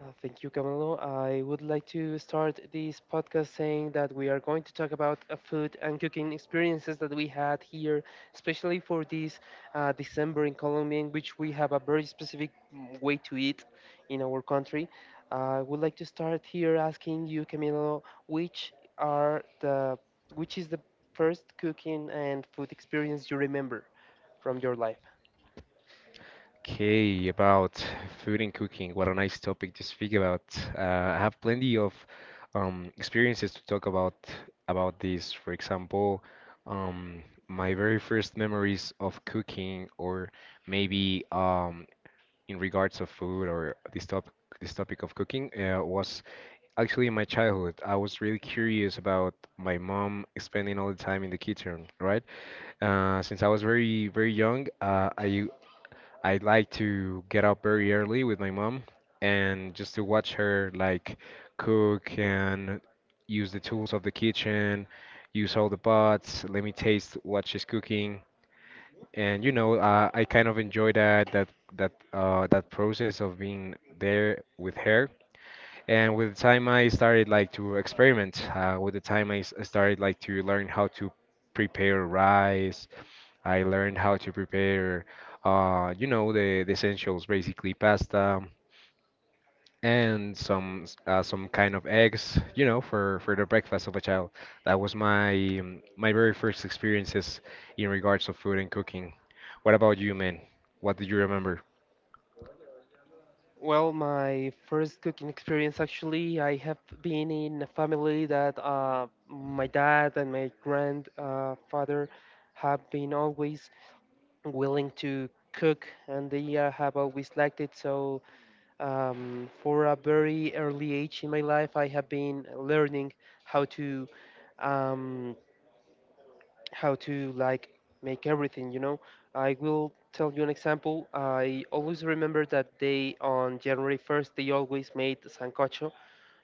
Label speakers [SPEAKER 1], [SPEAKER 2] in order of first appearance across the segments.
[SPEAKER 1] Thank you, Camilo. I would like to start this podcast saying that we are going to talk about food and cooking experiences that we had here, especially for this December in Colombia, in which we have a very specific way to eat in our country. I would like to start here asking you, Camilo, which are the which is the first cooking and food experience you remember from your life? Well, my first cooking experience actually, I have been in a family that my dad and my grandfather father have been always willing to cook, and they have always liked it. So, for a very early age in my life, I have been learning how to. Um, how to like Make everything, I will tell you an example. I always remember that day on january 1st they always made sancocho,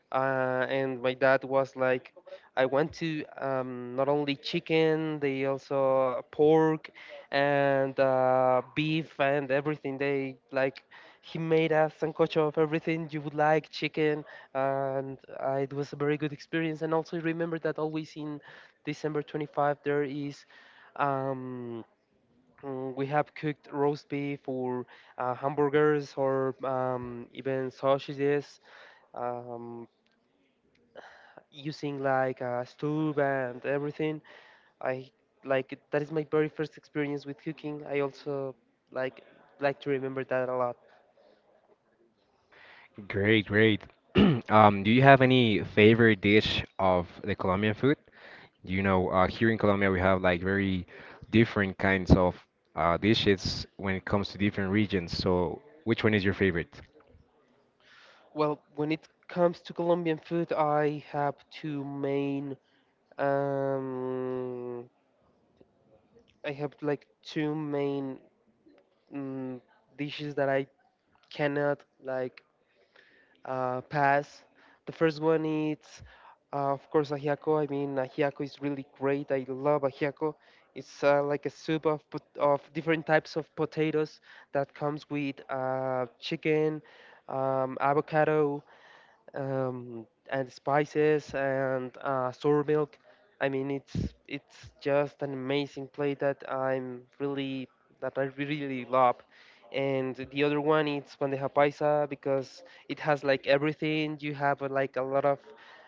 [SPEAKER 1] and my dad was like, "I want to not only chicken, they also pork and beef and everything. They like he made a sancocho of everything you would like, chicken, and it was a very good experience. And also remember that always in December 25 there is." Um, we have cooked roast beef or hamburgers or even sausages. Um, Using like a stove and everything. I like that is my very first experience with cooking. I also like like to remember that a lot.
[SPEAKER 2] Great, great. Do you have any favorite dish of the Colombian food? You know, here in Colombia, we have like very different kinds of dishes when it comes to different regions. So, which one is your favorite?
[SPEAKER 1] Well, when it comes to Colombian food, I have two main um I have like two main mm dishes that I cannot like pass. The first one is, of course, ajiaco. I mean, ajiaco is really great. I love ajiaco. It's like a soup of, of different types of potatoes that comes with chicken, avocado, and spices and sour milk. I mean, it's just an amazing plate that I'm really that I really love. And the other one is bandeja paisa because it has like everything. You have like a lot of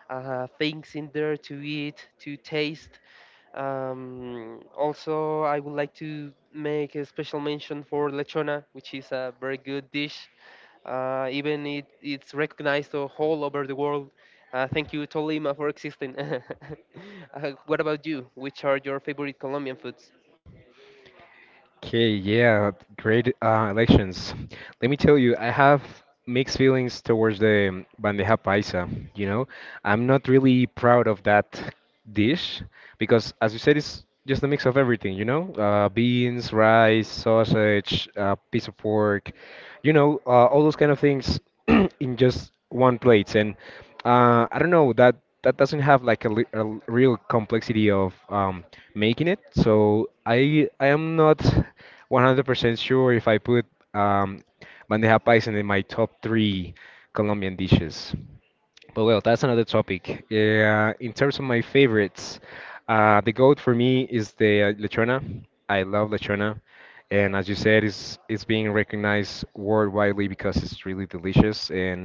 [SPEAKER 1] things in there to eat, to taste. Also, I would like to make a special mention for lechona, which is a very good dish, even it's recognized all over the world. Thank you, Tolima, for existing. What about you? Which are your favorite Colombian foods?
[SPEAKER 2] Okay, yeah, great elections. Let me tell you, I have mixed feelings towards the bandeja paisa. You know, I'm not really proud of that dish because, as you said, it's just a mix of everything. You know, beans, rice, sausage, piece of pork. You know, all those kind of things in just one plate. And I don't know that doesn't have like a real complexity of making it. So I am not 100% sure if I put um, bandeja paisa in my top three Colombian dishes. But well, that's another topic. Yeah, in terms of my favorites, the goat for me is the Lechona. I love Lechona, and as you said, it's being recognized worldwidely because it's really delicious and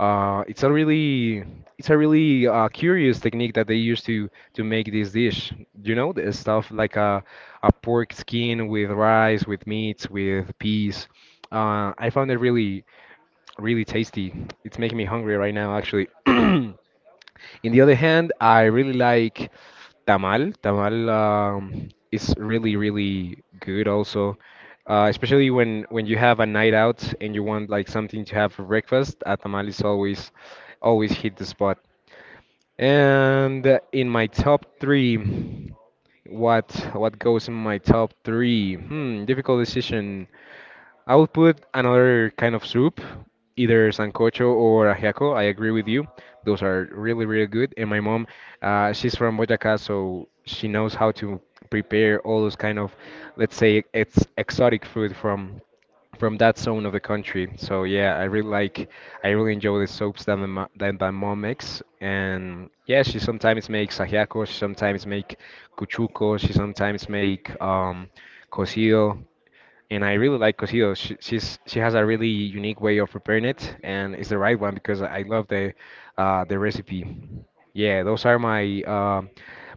[SPEAKER 2] uh, it's a really it's a really curious technique that they use to make this dish. You know, the stuff like a pork skin with rice, with meats, with peas. I found it really really tasty. It's making me hungry right now, actually. In the other hand, I really like tamal. Tamal is really, really good also. Especially when you have a night out and you want like something to have for breakfast, a tamal is always hit the spot. And in my top three, what goes in my top three? Hmm, difficult decision. I would put another kind of soup, either sancocho or ajiaco. I agree with you. Those are really, really good. And my mom, she's from Boyacá, so she knows how to prepare all those kind of, let's say, it's exotic food from that zone of the country. So yeah, I really like, I really enjoy the soaps that that my mom makes. And yeah, she sometimes makes ajiaco, she sometimes make cuchuco, she sometimes make cocido and I really like cocido. She has a really unique way of preparing it, and it's the right one because I love the recipe. Yeah, those are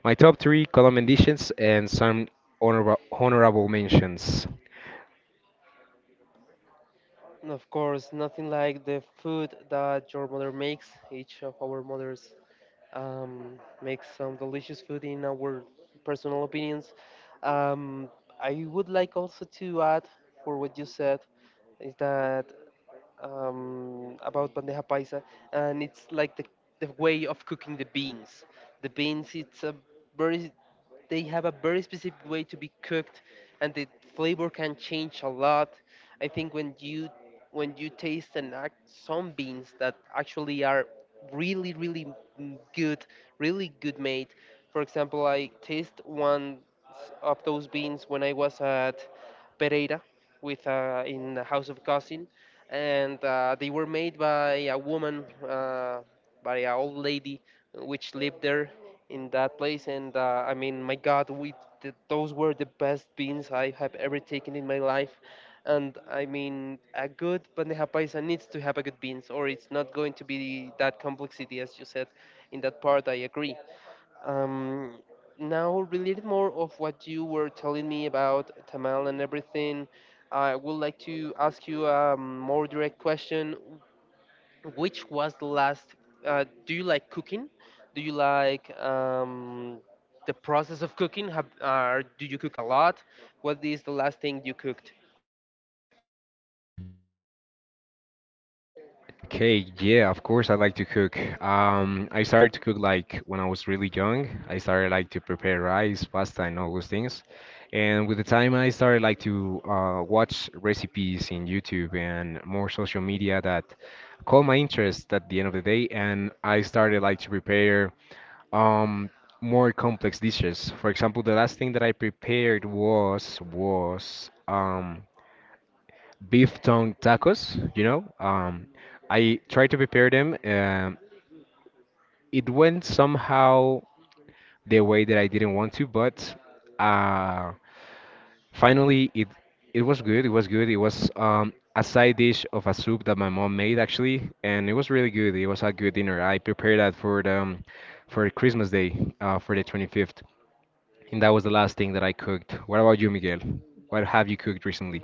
[SPEAKER 2] my top three Colombian dishes and some honorable mentions.
[SPEAKER 1] And of course, nothing like the food that your mother makes. Each of our mothers makes some delicious food in our personal opinions. Um, I would like also to add for what you said is that about bandeja paisa, and it's like the way of cooking the beans. The beans, it's a very they have a very specific way to be cooked, and the flavor can change a lot. I think when you taste and act some beans that actually are really really good, really good made. For example, I taste of those beans when I was at Pereira with, in the house of cousin, and they were made by a woman, by an old lady, which lived there in that place. And I mean, my God, those were the best beans I have ever taken in my life. And I mean, a good bandeja paisa needs to have a good beans, or it's not going to be that complexity, as you said. In that part, I agree. Um, Now, related more of what you were telling me about tamal and everything, I would like to ask you a more direct question. Which was the last? Do you like cooking? Do you like the process of cooking? Do you cook a lot? What is the last thing you cooked?
[SPEAKER 2] Okay, yeah, of course I like to cook. I started to cook like when I was really young. I started like to prepare rice, pasta, and all those things. And with the time, I started like to watch recipes in YouTube and more social media that caught my interest at the end of the day. And I started like to prepare um, more complex dishes. For example, the last thing that I prepared was beef tongue tacos, you know. I tried to prepare them. It went somehow the way that I didn't want to, but uh, finally it was good. It was good. It was a side dish of a soup that my mom made actually, and it was really good. It was a good dinner. I prepared that for the for Christmas Day, for the 25th, and that was the last thing that I cooked. What about you, Miguel? What have you cooked recently?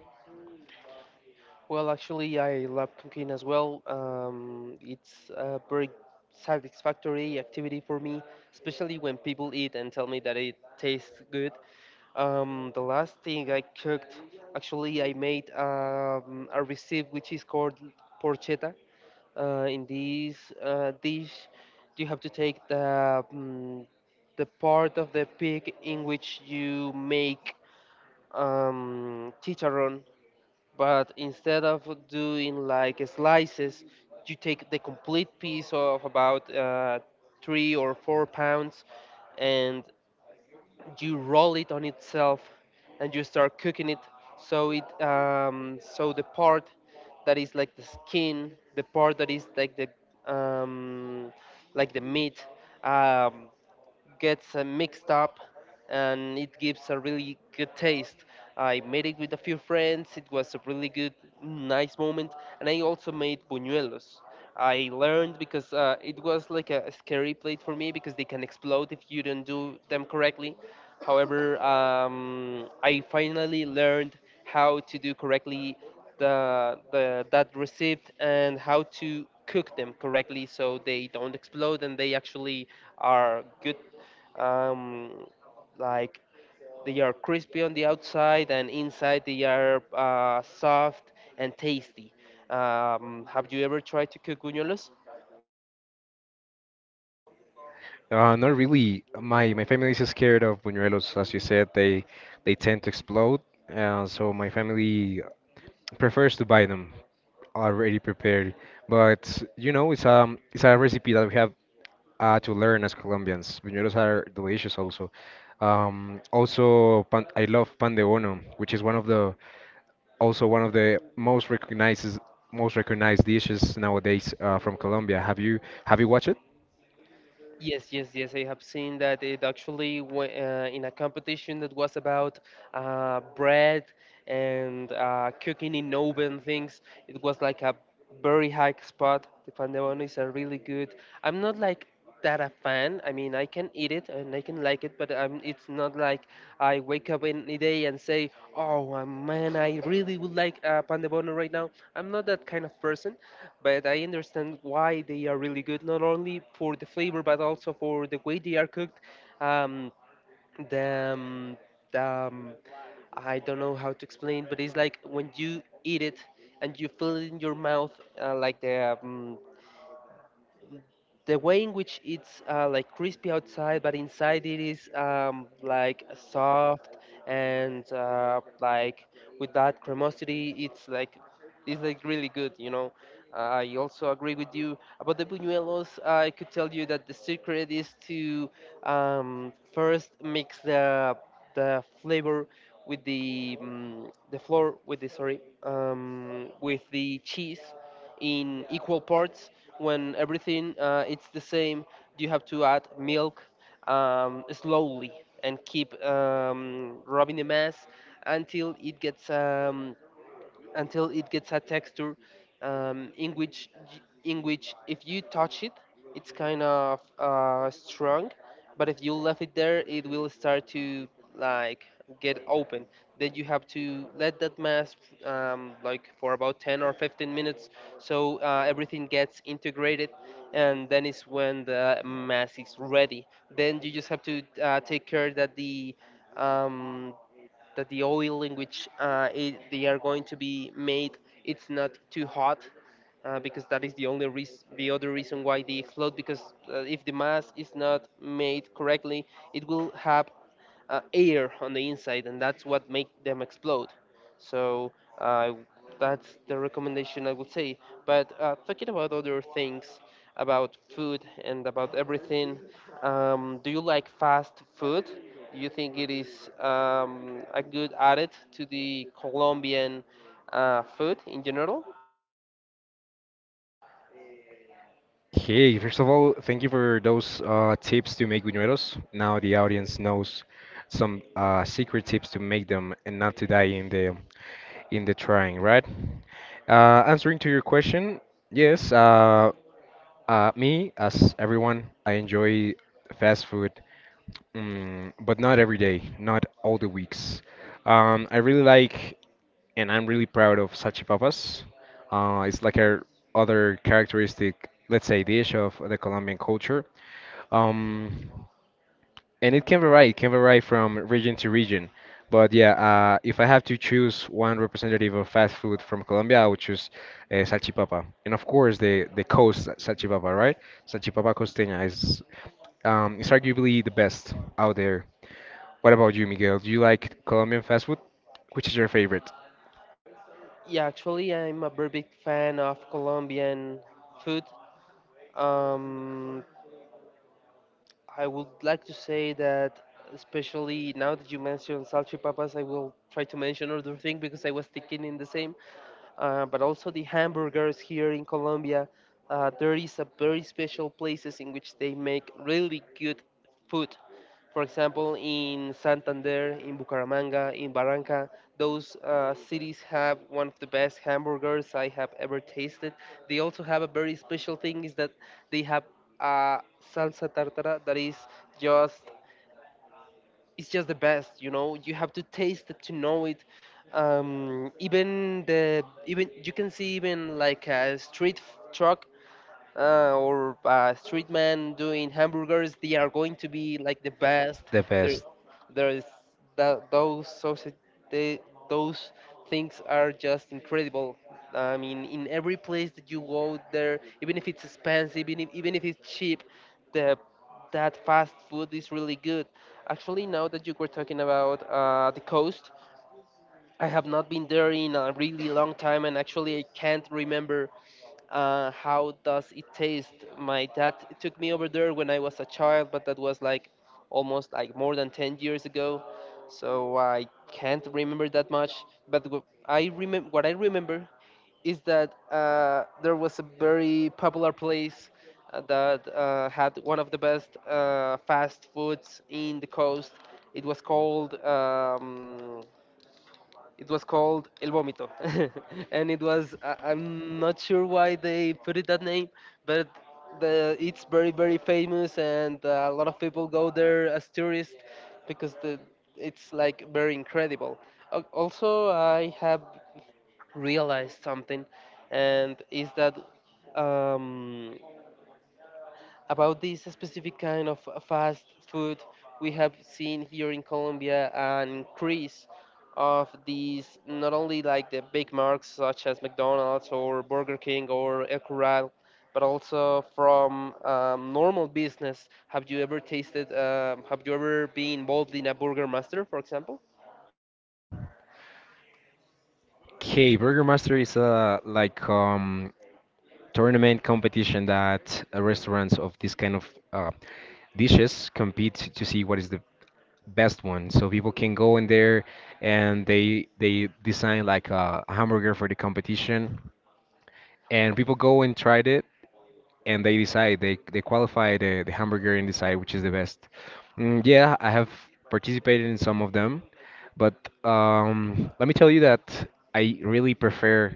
[SPEAKER 1] Well, actually, I love cooking as well. It's a very satisfactory activity for me, especially when people eat and tell me that it tastes good. The last thing I cooked, actually, I made a recipe which is called porchetta. In this dish you have to take the the part of the pig in which you make chicharron, but instead of doing like slices, you take the complete piece of about 3 or 4 pounds, and you roll it on itself and you start cooking it, so it so the part that is like the skin, the part that is um, like the meat um, gets mixed up, and it gives a really good taste. I made it with a few friends. It was a really good, nice moment. And I also made buñuelos. I learned because it was like a scary plate for me because they can explode if you don't do them correctly. However, I finally learned how to do correctly the that receipt, and how to cook them correctly so they don't explode and they actually are good, um, like they are crispy on the outside and inside they are soft and tasty. Have you ever tried to cook buñuelos?
[SPEAKER 2] Not really. My family is scared of buñuelos, as you said. They tend to explode, so my family prefers to buy them already prepared. But you know, it's a recipe that we have to learn as Colombians. Buñuelos are delicious also. Also, pan I love pan de bono, which is one of the also one of the most recognized dishes nowadays from Colombia. Have you watched it?
[SPEAKER 1] Yes, yes, yes. I have seen that it actually went in a competition that was about bread and cooking in oven things. It was like a very high spot. The pandebono is a really good. I'm not like that a fan. I mean, I can eat it and I can like it, but it's not like I wake up in the day and say, "Oh, man, I really would like pan de bono right now." I'm not that kind of person, but I understand why they are really good, not only for the flavor but also for the way they are cooked. Um, the um, the, um, I don't know how to explain, but it's like when you eat it and you feel it in your mouth, uh, like the um, the way in which it's like crispy outside, but inside it is like soft and, with that cremosity, it's like really good, you know. I also agree with you about the buñuelos. I could tell you that the secret is to first mix the flavor with the, flour with the, sorry, with the cheese in equal parts. When everything it's the same, you have to add milk slowly, and keep rubbing the mass until it gets um, until it gets a texture um, in which in which if you touch it, it's kind of strong, but if you left it there it will start to like get open. Then you have to let that mask like for about 10 or 15 minutes, so everything gets integrated, and then is when the mass is ready. Then you just have to take care um, that the oil in which, they are going to be made, it's not too hot, because that is the only reason, the other reason why they float, because if the mass is not made correctly, it will have air on the inside, and that's what make them explode. So, uh, that's the recommendation I would say. But talking about other things, about food and about everything, do you like fast food? Do you think it is a good added to the Colombian food in general?
[SPEAKER 2] Hey, first of all, thank you for those tips to make buñuelos. Now the audience knows some secret tips to make them and not to die in the trying, right? Answering to your question, yes. Me, as everyone, I enjoy fast food, mm, but not every day, not all the weeks. I really like and I'm really proud of salchipapas. It's like a other characteristic, let's say, dish of the Colombian culture. Um, and it can vary from region to region. But yeah, if I have to choose one representative of fast food from Colombia, I would choose salchipapa. And of course, the coast salchipapa, right? Salchipapa costeña is it's arguably the best out there. What about you, Miguel? Do you like Colombian fast food? Which is your favorite?
[SPEAKER 1] Yeah, actually, I'm a very big fan of Colombian food. Um, I would like to say that, especially now that you mentioned salchipapas, I will try to mention other thing because I was thinking in the same. But also the hamburgers here in Colombia, there is a very special places in which they make really good food. For example, in Santander, in Bucaramanga, in Barranca, those cities have one of the best hamburgers I have ever tasted. They also have a very special thing is that they have a salsa tartara that is just, it's just the best. You know, you have to taste it to know it. Even the, even you can see even like a truck, or a street man doing hamburgers, they are going to be like the best.
[SPEAKER 2] The
[SPEAKER 1] There,
[SPEAKER 2] best.
[SPEAKER 1] there's that those sausage, they, those things are just incredible. I mean, in every place that you go there, even if it's expensive, even if it's cheap, the that fast food is really good. Actually, now that you were talking about the coast, I have not been there in a really long time, and actually I can't remember how does it taste. My dad took me over there when I was a child, but that was like almost like more than 10 years ago, so I can't remember that much. I remember what I remember is that there was a very popular place that had one of the best fast foods in the coast. It was called. Um, it was called El Vómito, and I'm not sure why they put it that name, but the it's very famous and a lot of people go there as tourists because the it's like very incredible. Also, I have realized something, and is that um, about this specific kind of fast food we have seen here in Colombia an increase of these not only like the big marks such as McDonald's or Burger King or El Corral, but also from normal business. Have you ever tasted? Have you ever been involved in a Burger Master, for example?
[SPEAKER 2] Okay, Burger Master is like tournament competition that restaurants of this kind of uh, dishes compete to see what is the best one. So people can go in there and they design like a hamburger for the competition, and people go and tried it and they decide they qualify the hamburger and decide which is the best. Mm, yeah, I have participated in some of them, but let me tell you that I really prefer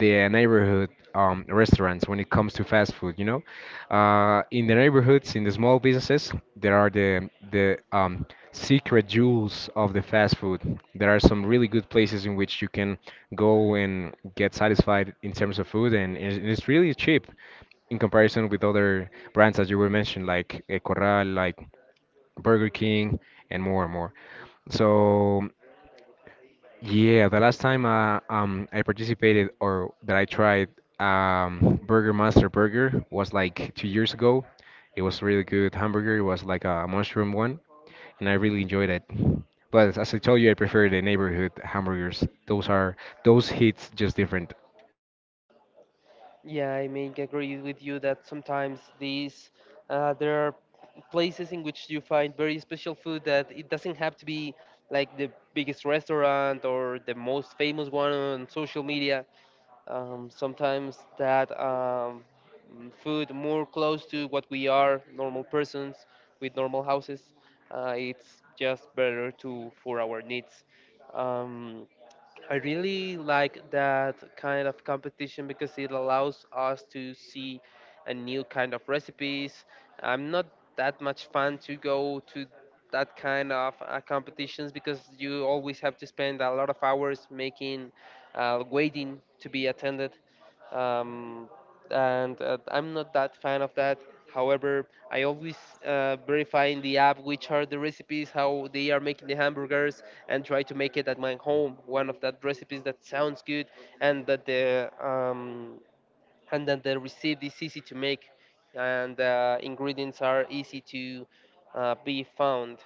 [SPEAKER 2] the neighborhood restaurants when it comes to fast food. You know, in the neighborhoods, in the small businesses, there are the secret jewels of the fast food. There are some really good places in which you can go and get satisfied in terms of food, and it's really cheap in comparison with other brands that you were mentioned, like eh, Corral, like Burger King, and more and more. So. Yeah, the last time I participated or that I tried Burger Master Burger was like 2 years ago. It was really good hamburger. It was like a mushroom one, and I really enjoyed it. But as I told you, I prefer the neighborhood hamburgers. Those are those hits just different.
[SPEAKER 1] Yeah, I mean, agree with you that sometimes these there are places in which you find very special food that it doesn't have to be like the biggest restaurant or the most famous one on social media. Sometimes food more close to what we are, normal persons with normal houses, it's just better to for our needs. Um, I really like that kind of competition because it allows us to see a new kind of recipes. I'm not that much fan to go to that kind of competitions because you always have to spend a lot of hours making, waiting to be attended. Um, and I'm not that fan of that. However, I always verify in the app which are the recipes, how they are making the hamburgers, and try to make it at my home. One of that recipes that sounds good and that the and then the recipe is easy to make and ingredients are easy to be found.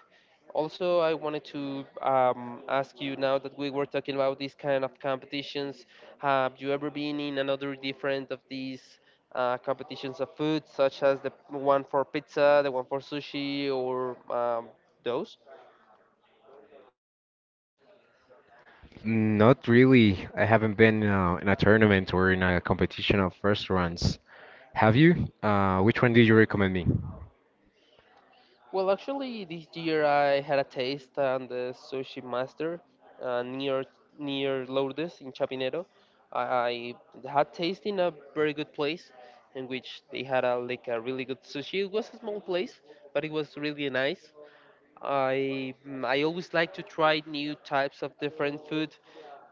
[SPEAKER 1] Also, I wanted to ask you, now that we were talking about these kind of competitions, have you ever been in another different of these competitions of food, such as the one for pizza, the one for sushi, or those?
[SPEAKER 2] Not really. I haven't been in a tournament or in a competition of restaurants. Have you? Which one did you recommend me?
[SPEAKER 1] Well, actually, this year I had a taste on the sushi master uh, near near Lourdes in Chapinero. I, I had taste in a very good place in which they had like a really good sushi. It was a small place, but it was really nice. I always like to try new types of different food,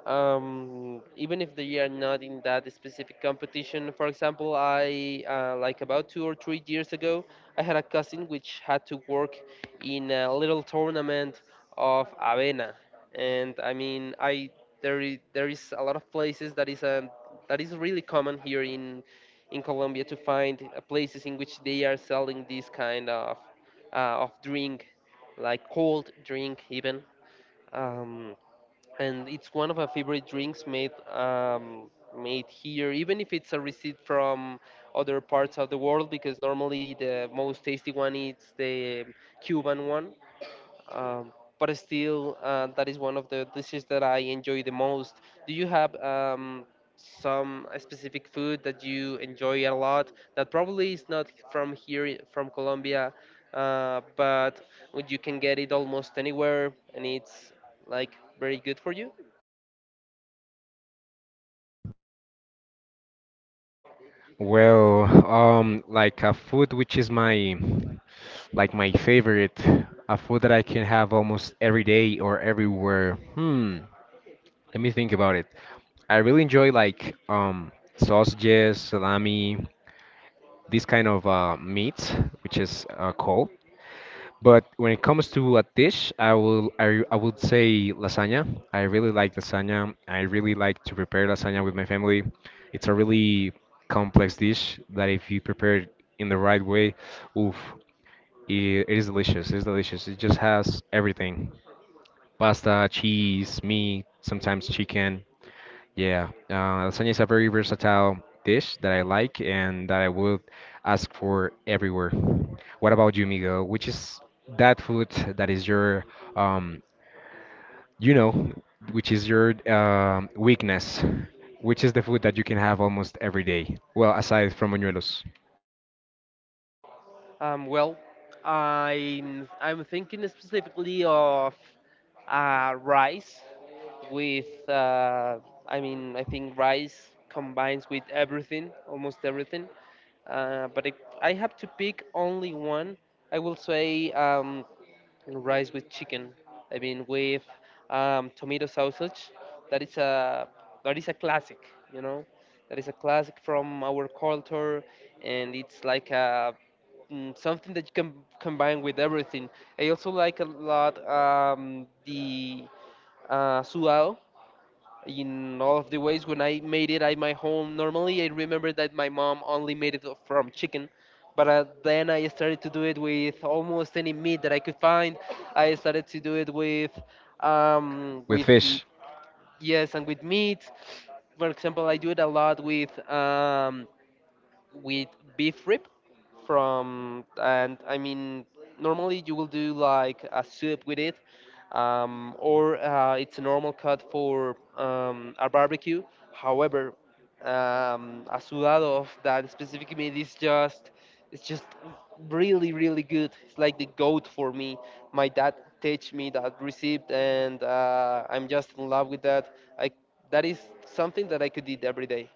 [SPEAKER 1] even if they are not in that specific competition. For example, I like about 2 or 3 years ago, I had a cousin which had to work in a little tournament of avena, and I mean, there is a lot of places that is a that is really common here in Colombia to find places in which they are selling this kind uh, of drink, like cold drink even. Um, and it's one of my favorite drinks made made here, even if it's a receipt from other parts of the world, because normally the most tasty one is the Cuban one. Um, but still, that is one of the dishes that I enjoy the most. Do you have some specific food that you enjoy a lot that probably is not from here, from Colombia, but you can get it almost anywhere and it's like very good for you?
[SPEAKER 2] Well, like a food which is my like my favorite, a food that I can have almost every day or everywhere. Hmm, let me think about it. I really enjoy like sausages, salami, this kind of meat which is cold. But when it comes to a dish, I would say lasagna. I really like lasagna. I really like to prepare lasagna with my family. It's a really complex dish that if you prepare it in the right way, oof, it is delicious. It is delicious. It just has everything: pasta, cheese, meat, sometimes chicken. Yeah, lasagna is a very versatile dish that I like and that I would ask for everywhere. What about you, Miguel? Which is that food that is your, um, you know, which is your weakness? Which is the food that you can have almost every day? Well, aside from buñuelos,
[SPEAKER 1] Well, I'm thinking specifically of rice with I mean, I think rice combines with everything, almost everything. But if I have to pick only one, I will say rice with chicken. I mean, with tomato sausage. That is a that is a classic, you know. That is a classic from our culture, and it's like a something that you can combine with everything. I also like a lot the sudado in all of the ways. When I made it at my home, normally I remember that my mom only made it from chicken, but then I started to do it with almost any meat that I could find. I started to do it with, um,
[SPEAKER 2] with
[SPEAKER 1] with
[SPEAKER 2] fish.
[SPEAKER 1] yes, and with meat. For example, I do it a lot with. With beef rib from and I mean normally you will do like a soup with it, or it's a normal cut for a barbecue. However, a sudado of that specific meat is just really good. It's like the goat for me. My dad teach me that recipe, and I'm just in love with that. I that is something that I could eat every day.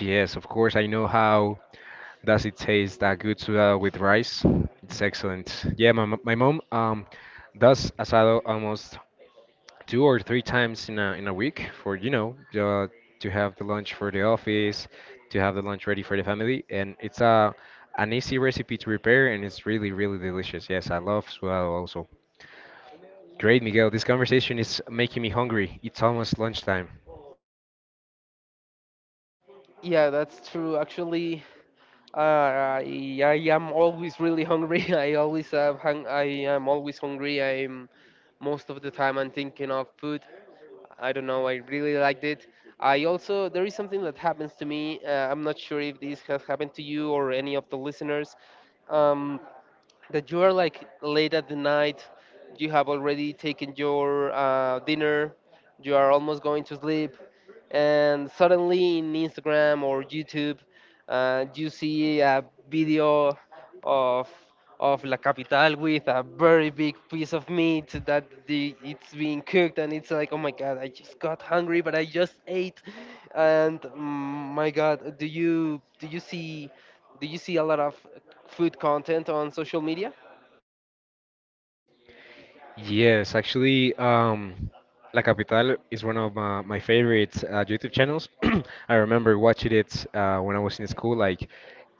[SPEAKER 2] Yes, of course. I know how does it taste that good with rice. It's excellent. Yeah, my mom does asado almost two or three times in a week for you know to have the lunch for the office, to have the lunch ready for the family, and it's a an easy recipe to prepare, and it's really really delicious. Yes, I love swallow also. Great, Miguel. This conversation is making me hungry. It's almost lunchtime.
[SPEAKER 1] Yeah, that's true. Actually, I am always really hungry. I am always hungry. I'm most of the time, I'm thinking of food. I don't know. I really liked it. I also There is something that happens to me. I'm not sure if this has happened to you or any of the listeners. Um, that you are like late at the night. You have already taken your dinner. You are almost going to sleep and suddenly in Instagram or YouTube, you see a video of of La Capital with a very big piece of meat that it's being cooked, and it's like, oh my God, I just got hungry, but I just ate, and my God, do you see a lot of food content on social media?
[SPEAKER 2] Yes, actually, La Capital is one of my favorite YouTube channels. I remember watching it when I was in school, like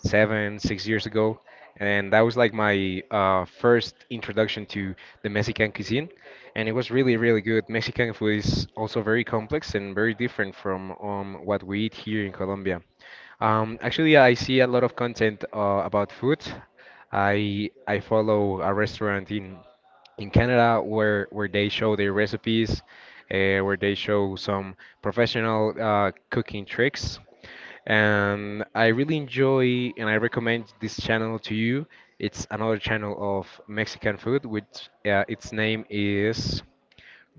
[SPEAKER 2] seven, 6 years ago, and that was like my first introduction to the Mexican cuisine, and it was really, really good. Mexican food is also very complex and very different from what we eat here in Colombia. Actually, I see a lot of content about food. I follow a restaurant in Canada where they show their recipes, where they show some professional cooking tricks, and I really enjoy and I recommend this channel to you. It's another channel of Mexican food, which its name is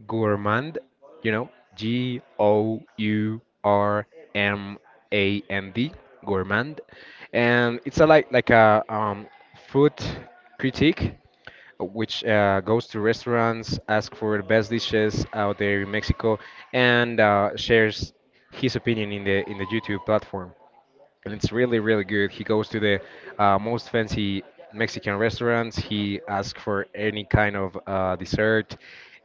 [SPEAKER 2] Gourmand, you know, Gourmand, Gourmand, and it's a like a food critique which goes to restaurants, asks for the best dishes out there in Mexico, and shares his opinion in the YouTube platform and it's really really good. He goes to the most fancy Mexican restaurants. He asks for any kind of dessert,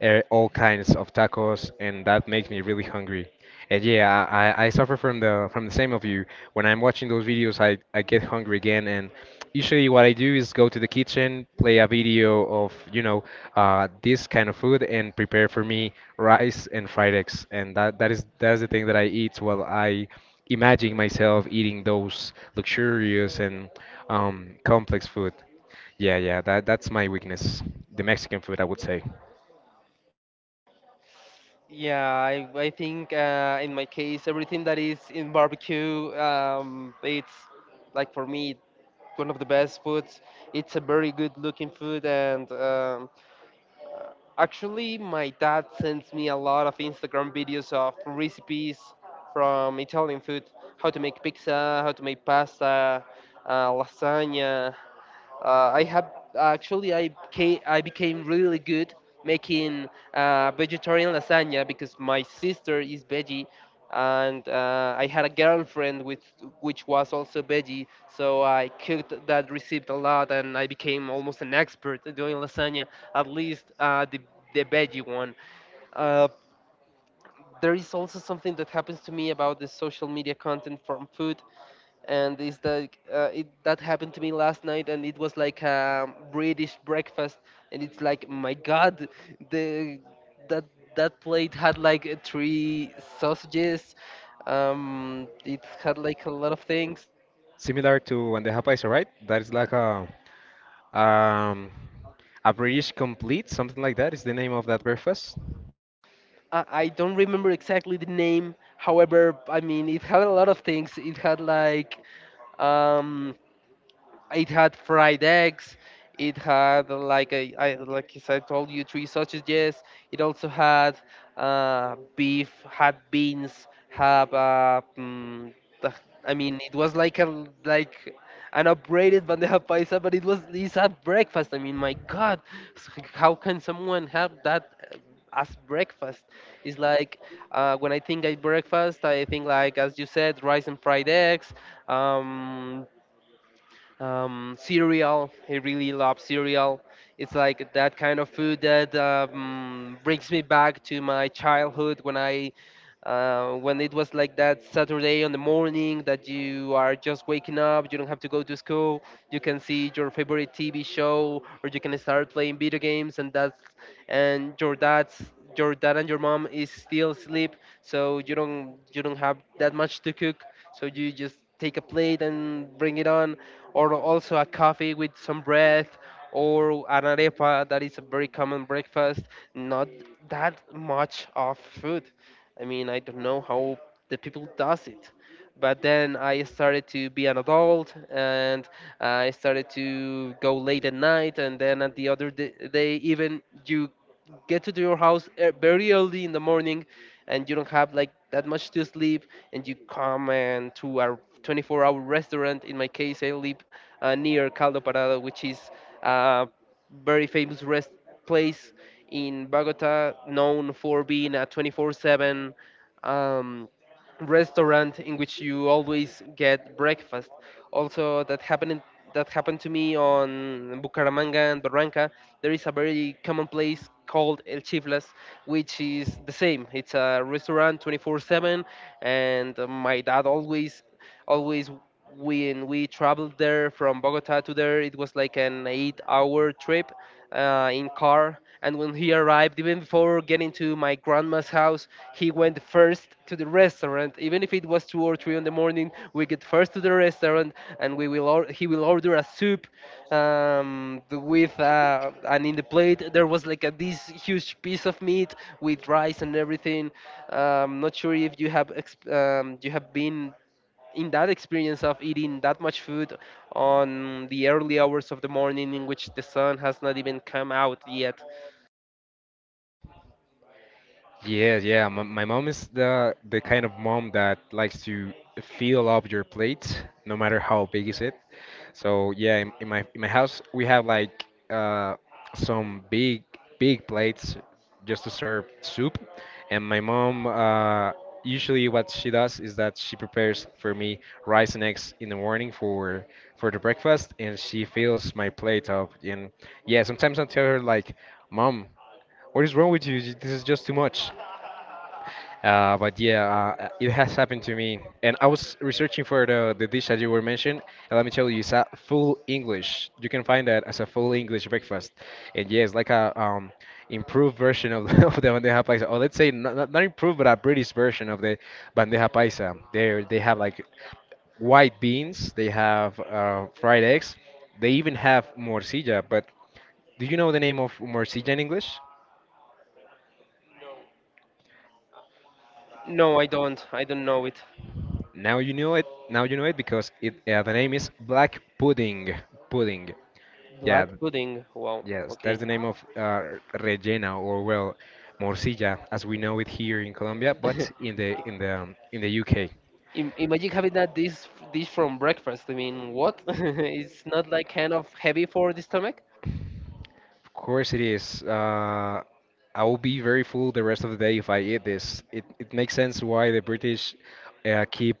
[SPEAKER 2] all kinds of tacos, and that makes me really hungry. And yeah, I suffer from the same of you. When I'm watching those videos, I get hungry again, and usually what I do is go to the kitchen, play a video of you know this kind of food, and prepare for me rice and fried eggs, and that's the thing that I eat while I imagining myself eating those luxurious and complex food. Yeah, yeah, that's my weakness. The Mexican food, I would say.
[SPEAKER 1] Yeah, I think in my case, everything that is in barbecue, it's like for me one of the best foods. It's a very good looking food, and actually, my dad sends me a lot of Instagram videos of recipes from Italian food, how to make pizza, how to make pasta, lasagna. I have actually I became really good making vegetarian lasagna because my sister is veggie, and I had a girlfriend with which was also veggie, so I cooked that recipe a lot, and I became almost an expert at doing lasagna, at least the veggie one. Uh, there is also something that happens to me about the social media content from food, and is that it that happened to me last night, and it was like a British breakfast, and it's like my God, the that that plate had like three sausages. It had like a lot of things.
[SPEAKER 2] Similar to bandeja paisa, right? That is like um, a British complete, something like that is the name of that breakfast.
[SPEAKER 1] I don't remember exactly the name. However, I mean, it had a lot of things. It had like um it had fried eggs. It had like, as I told you, three sausages, yes. It also had beef, had beans, had the- I mean, it was like a like an upgraded bandeja paisa, but it's a breakfast. I mean, my God, how can someone have that as breakfast? It's like when I think I breakfast, I think, like as you said, rice and fried eggs, um, cereal. I really love cereal. It's like that kind of food that brings me back to my childhood when I. When it was like that Saturday on the morning that you are just waking up, you don't have to go to school, you can see your favorite TV show, or you can start playing video games, and that's and your dad's your dad and your mom is still asleep, so you don't have that much to cook, so you just take a plate and bring it on, or also a coffee with some bread, or an arepa, that is a very common breakfast. Not that much of food. I mean, I don't know how the people does it. But then I started to be an adult, and I started to go late at night. And then at the other day, even you get to your house, very early in the morning, and you don't have like that much to sleep, and you come and to a 24-hour restaurant. In my case, I live near Caldo Parado, which is a very famous rest place in Bogota, known for being a 24/7 um, restaurant in which you always get breakfast. Also, that happened to me on Bucaramanga and Barranca. There is a very common place called El Chiflas, which is the same. It's a restaurant 24/7, and my dad always always when we traveled there from Bogota to there, it was like an eight-hour trip in car. And when he arrived, even before getting to my grandma's house, he went first to the restaurant. Even if it was two or three in the morning, we get first to the restaurant, and he will order a soup, th- with and in the plate there was like this huge piece of meat with rice and everything. Not sure if you have been in that experience of eating that much food on the early hours of the morning in which the sun has not even come out yet.
[SPEAKER 2] Yeah, yeah. My mom is the kind of mom that likes to fill up your plate, no matter how big is it. So yeah, in my house we have like some big plates just to serve soup, and my mom usually what she does is that she prepares for me rice and eggs in the morning for the breakfast, and she fills my plate up. And yeah, sometimes I tell her like, Mom, what is wrong with you? This is just too much. But yeah, it has happened to me. And I was researching for the dish that you were mentioning. And let me tell you, it's a full English. You can find that as a full English breakfast. And yeah, it's like a improved version of, of the bandeja paisa. Or let's say not not improved, but a British version of the bandeja paisa. They have like white beans. They have fried eggs. They even have morcilla. But do you know the name of morcilla in English?
[SPEAKER 1] No, I don't. I don't know it.
[SPEAKER 2] Now you know it. Now you know it because it the name is black pudding. Pudding. Yeah.
[SPEAKER 1] Black pudding. Wow.
[SPEAKER 2] Yes, that's
[SPEAKER 1] Okay.
[SPEAKER 2] the name of rellena or well, morcilla as we know it here in Colombia, but in the in the in the UK.
[SPEAKER 1] Imagine having that dish from breakfast. I mean, what? It's not like kind of heavy for the stomach?
[SPEAKER 2] Of course it is. I will be very full the rest of the day if I eat this. It makes sense why the British keep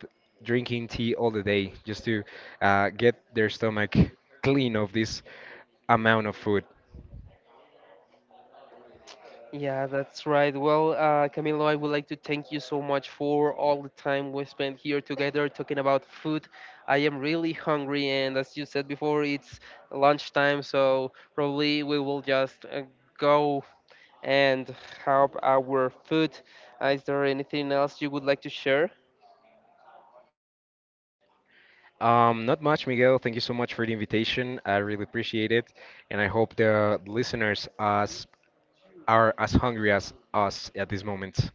[SPEAKER 2] drinking tea all the day just to get their stomach clean of this amount of food.
[SPEAKER 1] Yeah, that's right. Well, Camilo, I would like to thank you so much for all the time we spent here together talking about food. I am really hungry, and as you said before, it's lunchtime, so probably we will just go and have our food. Is there anything else you would like to share?
[SPEAKER 2] Not much, Miguel. Thank you so much for the invitation. I really appreciate it, and I hope the listeners as are as hungry as us at this moment.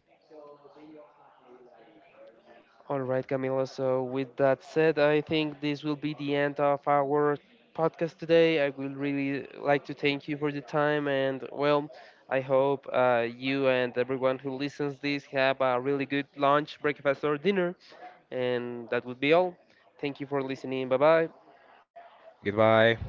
[SPEAKER 1] All right, Camila. So, with that said, I think this will be the end of our podcast today. I will really like to thank you for the time, and well, I hope you and everyone who listens this have a really good lunch, breakfast, or dinner. And that would be all. Thank you for listening. Bye bye.
[SPEAKER 2] Goodbye.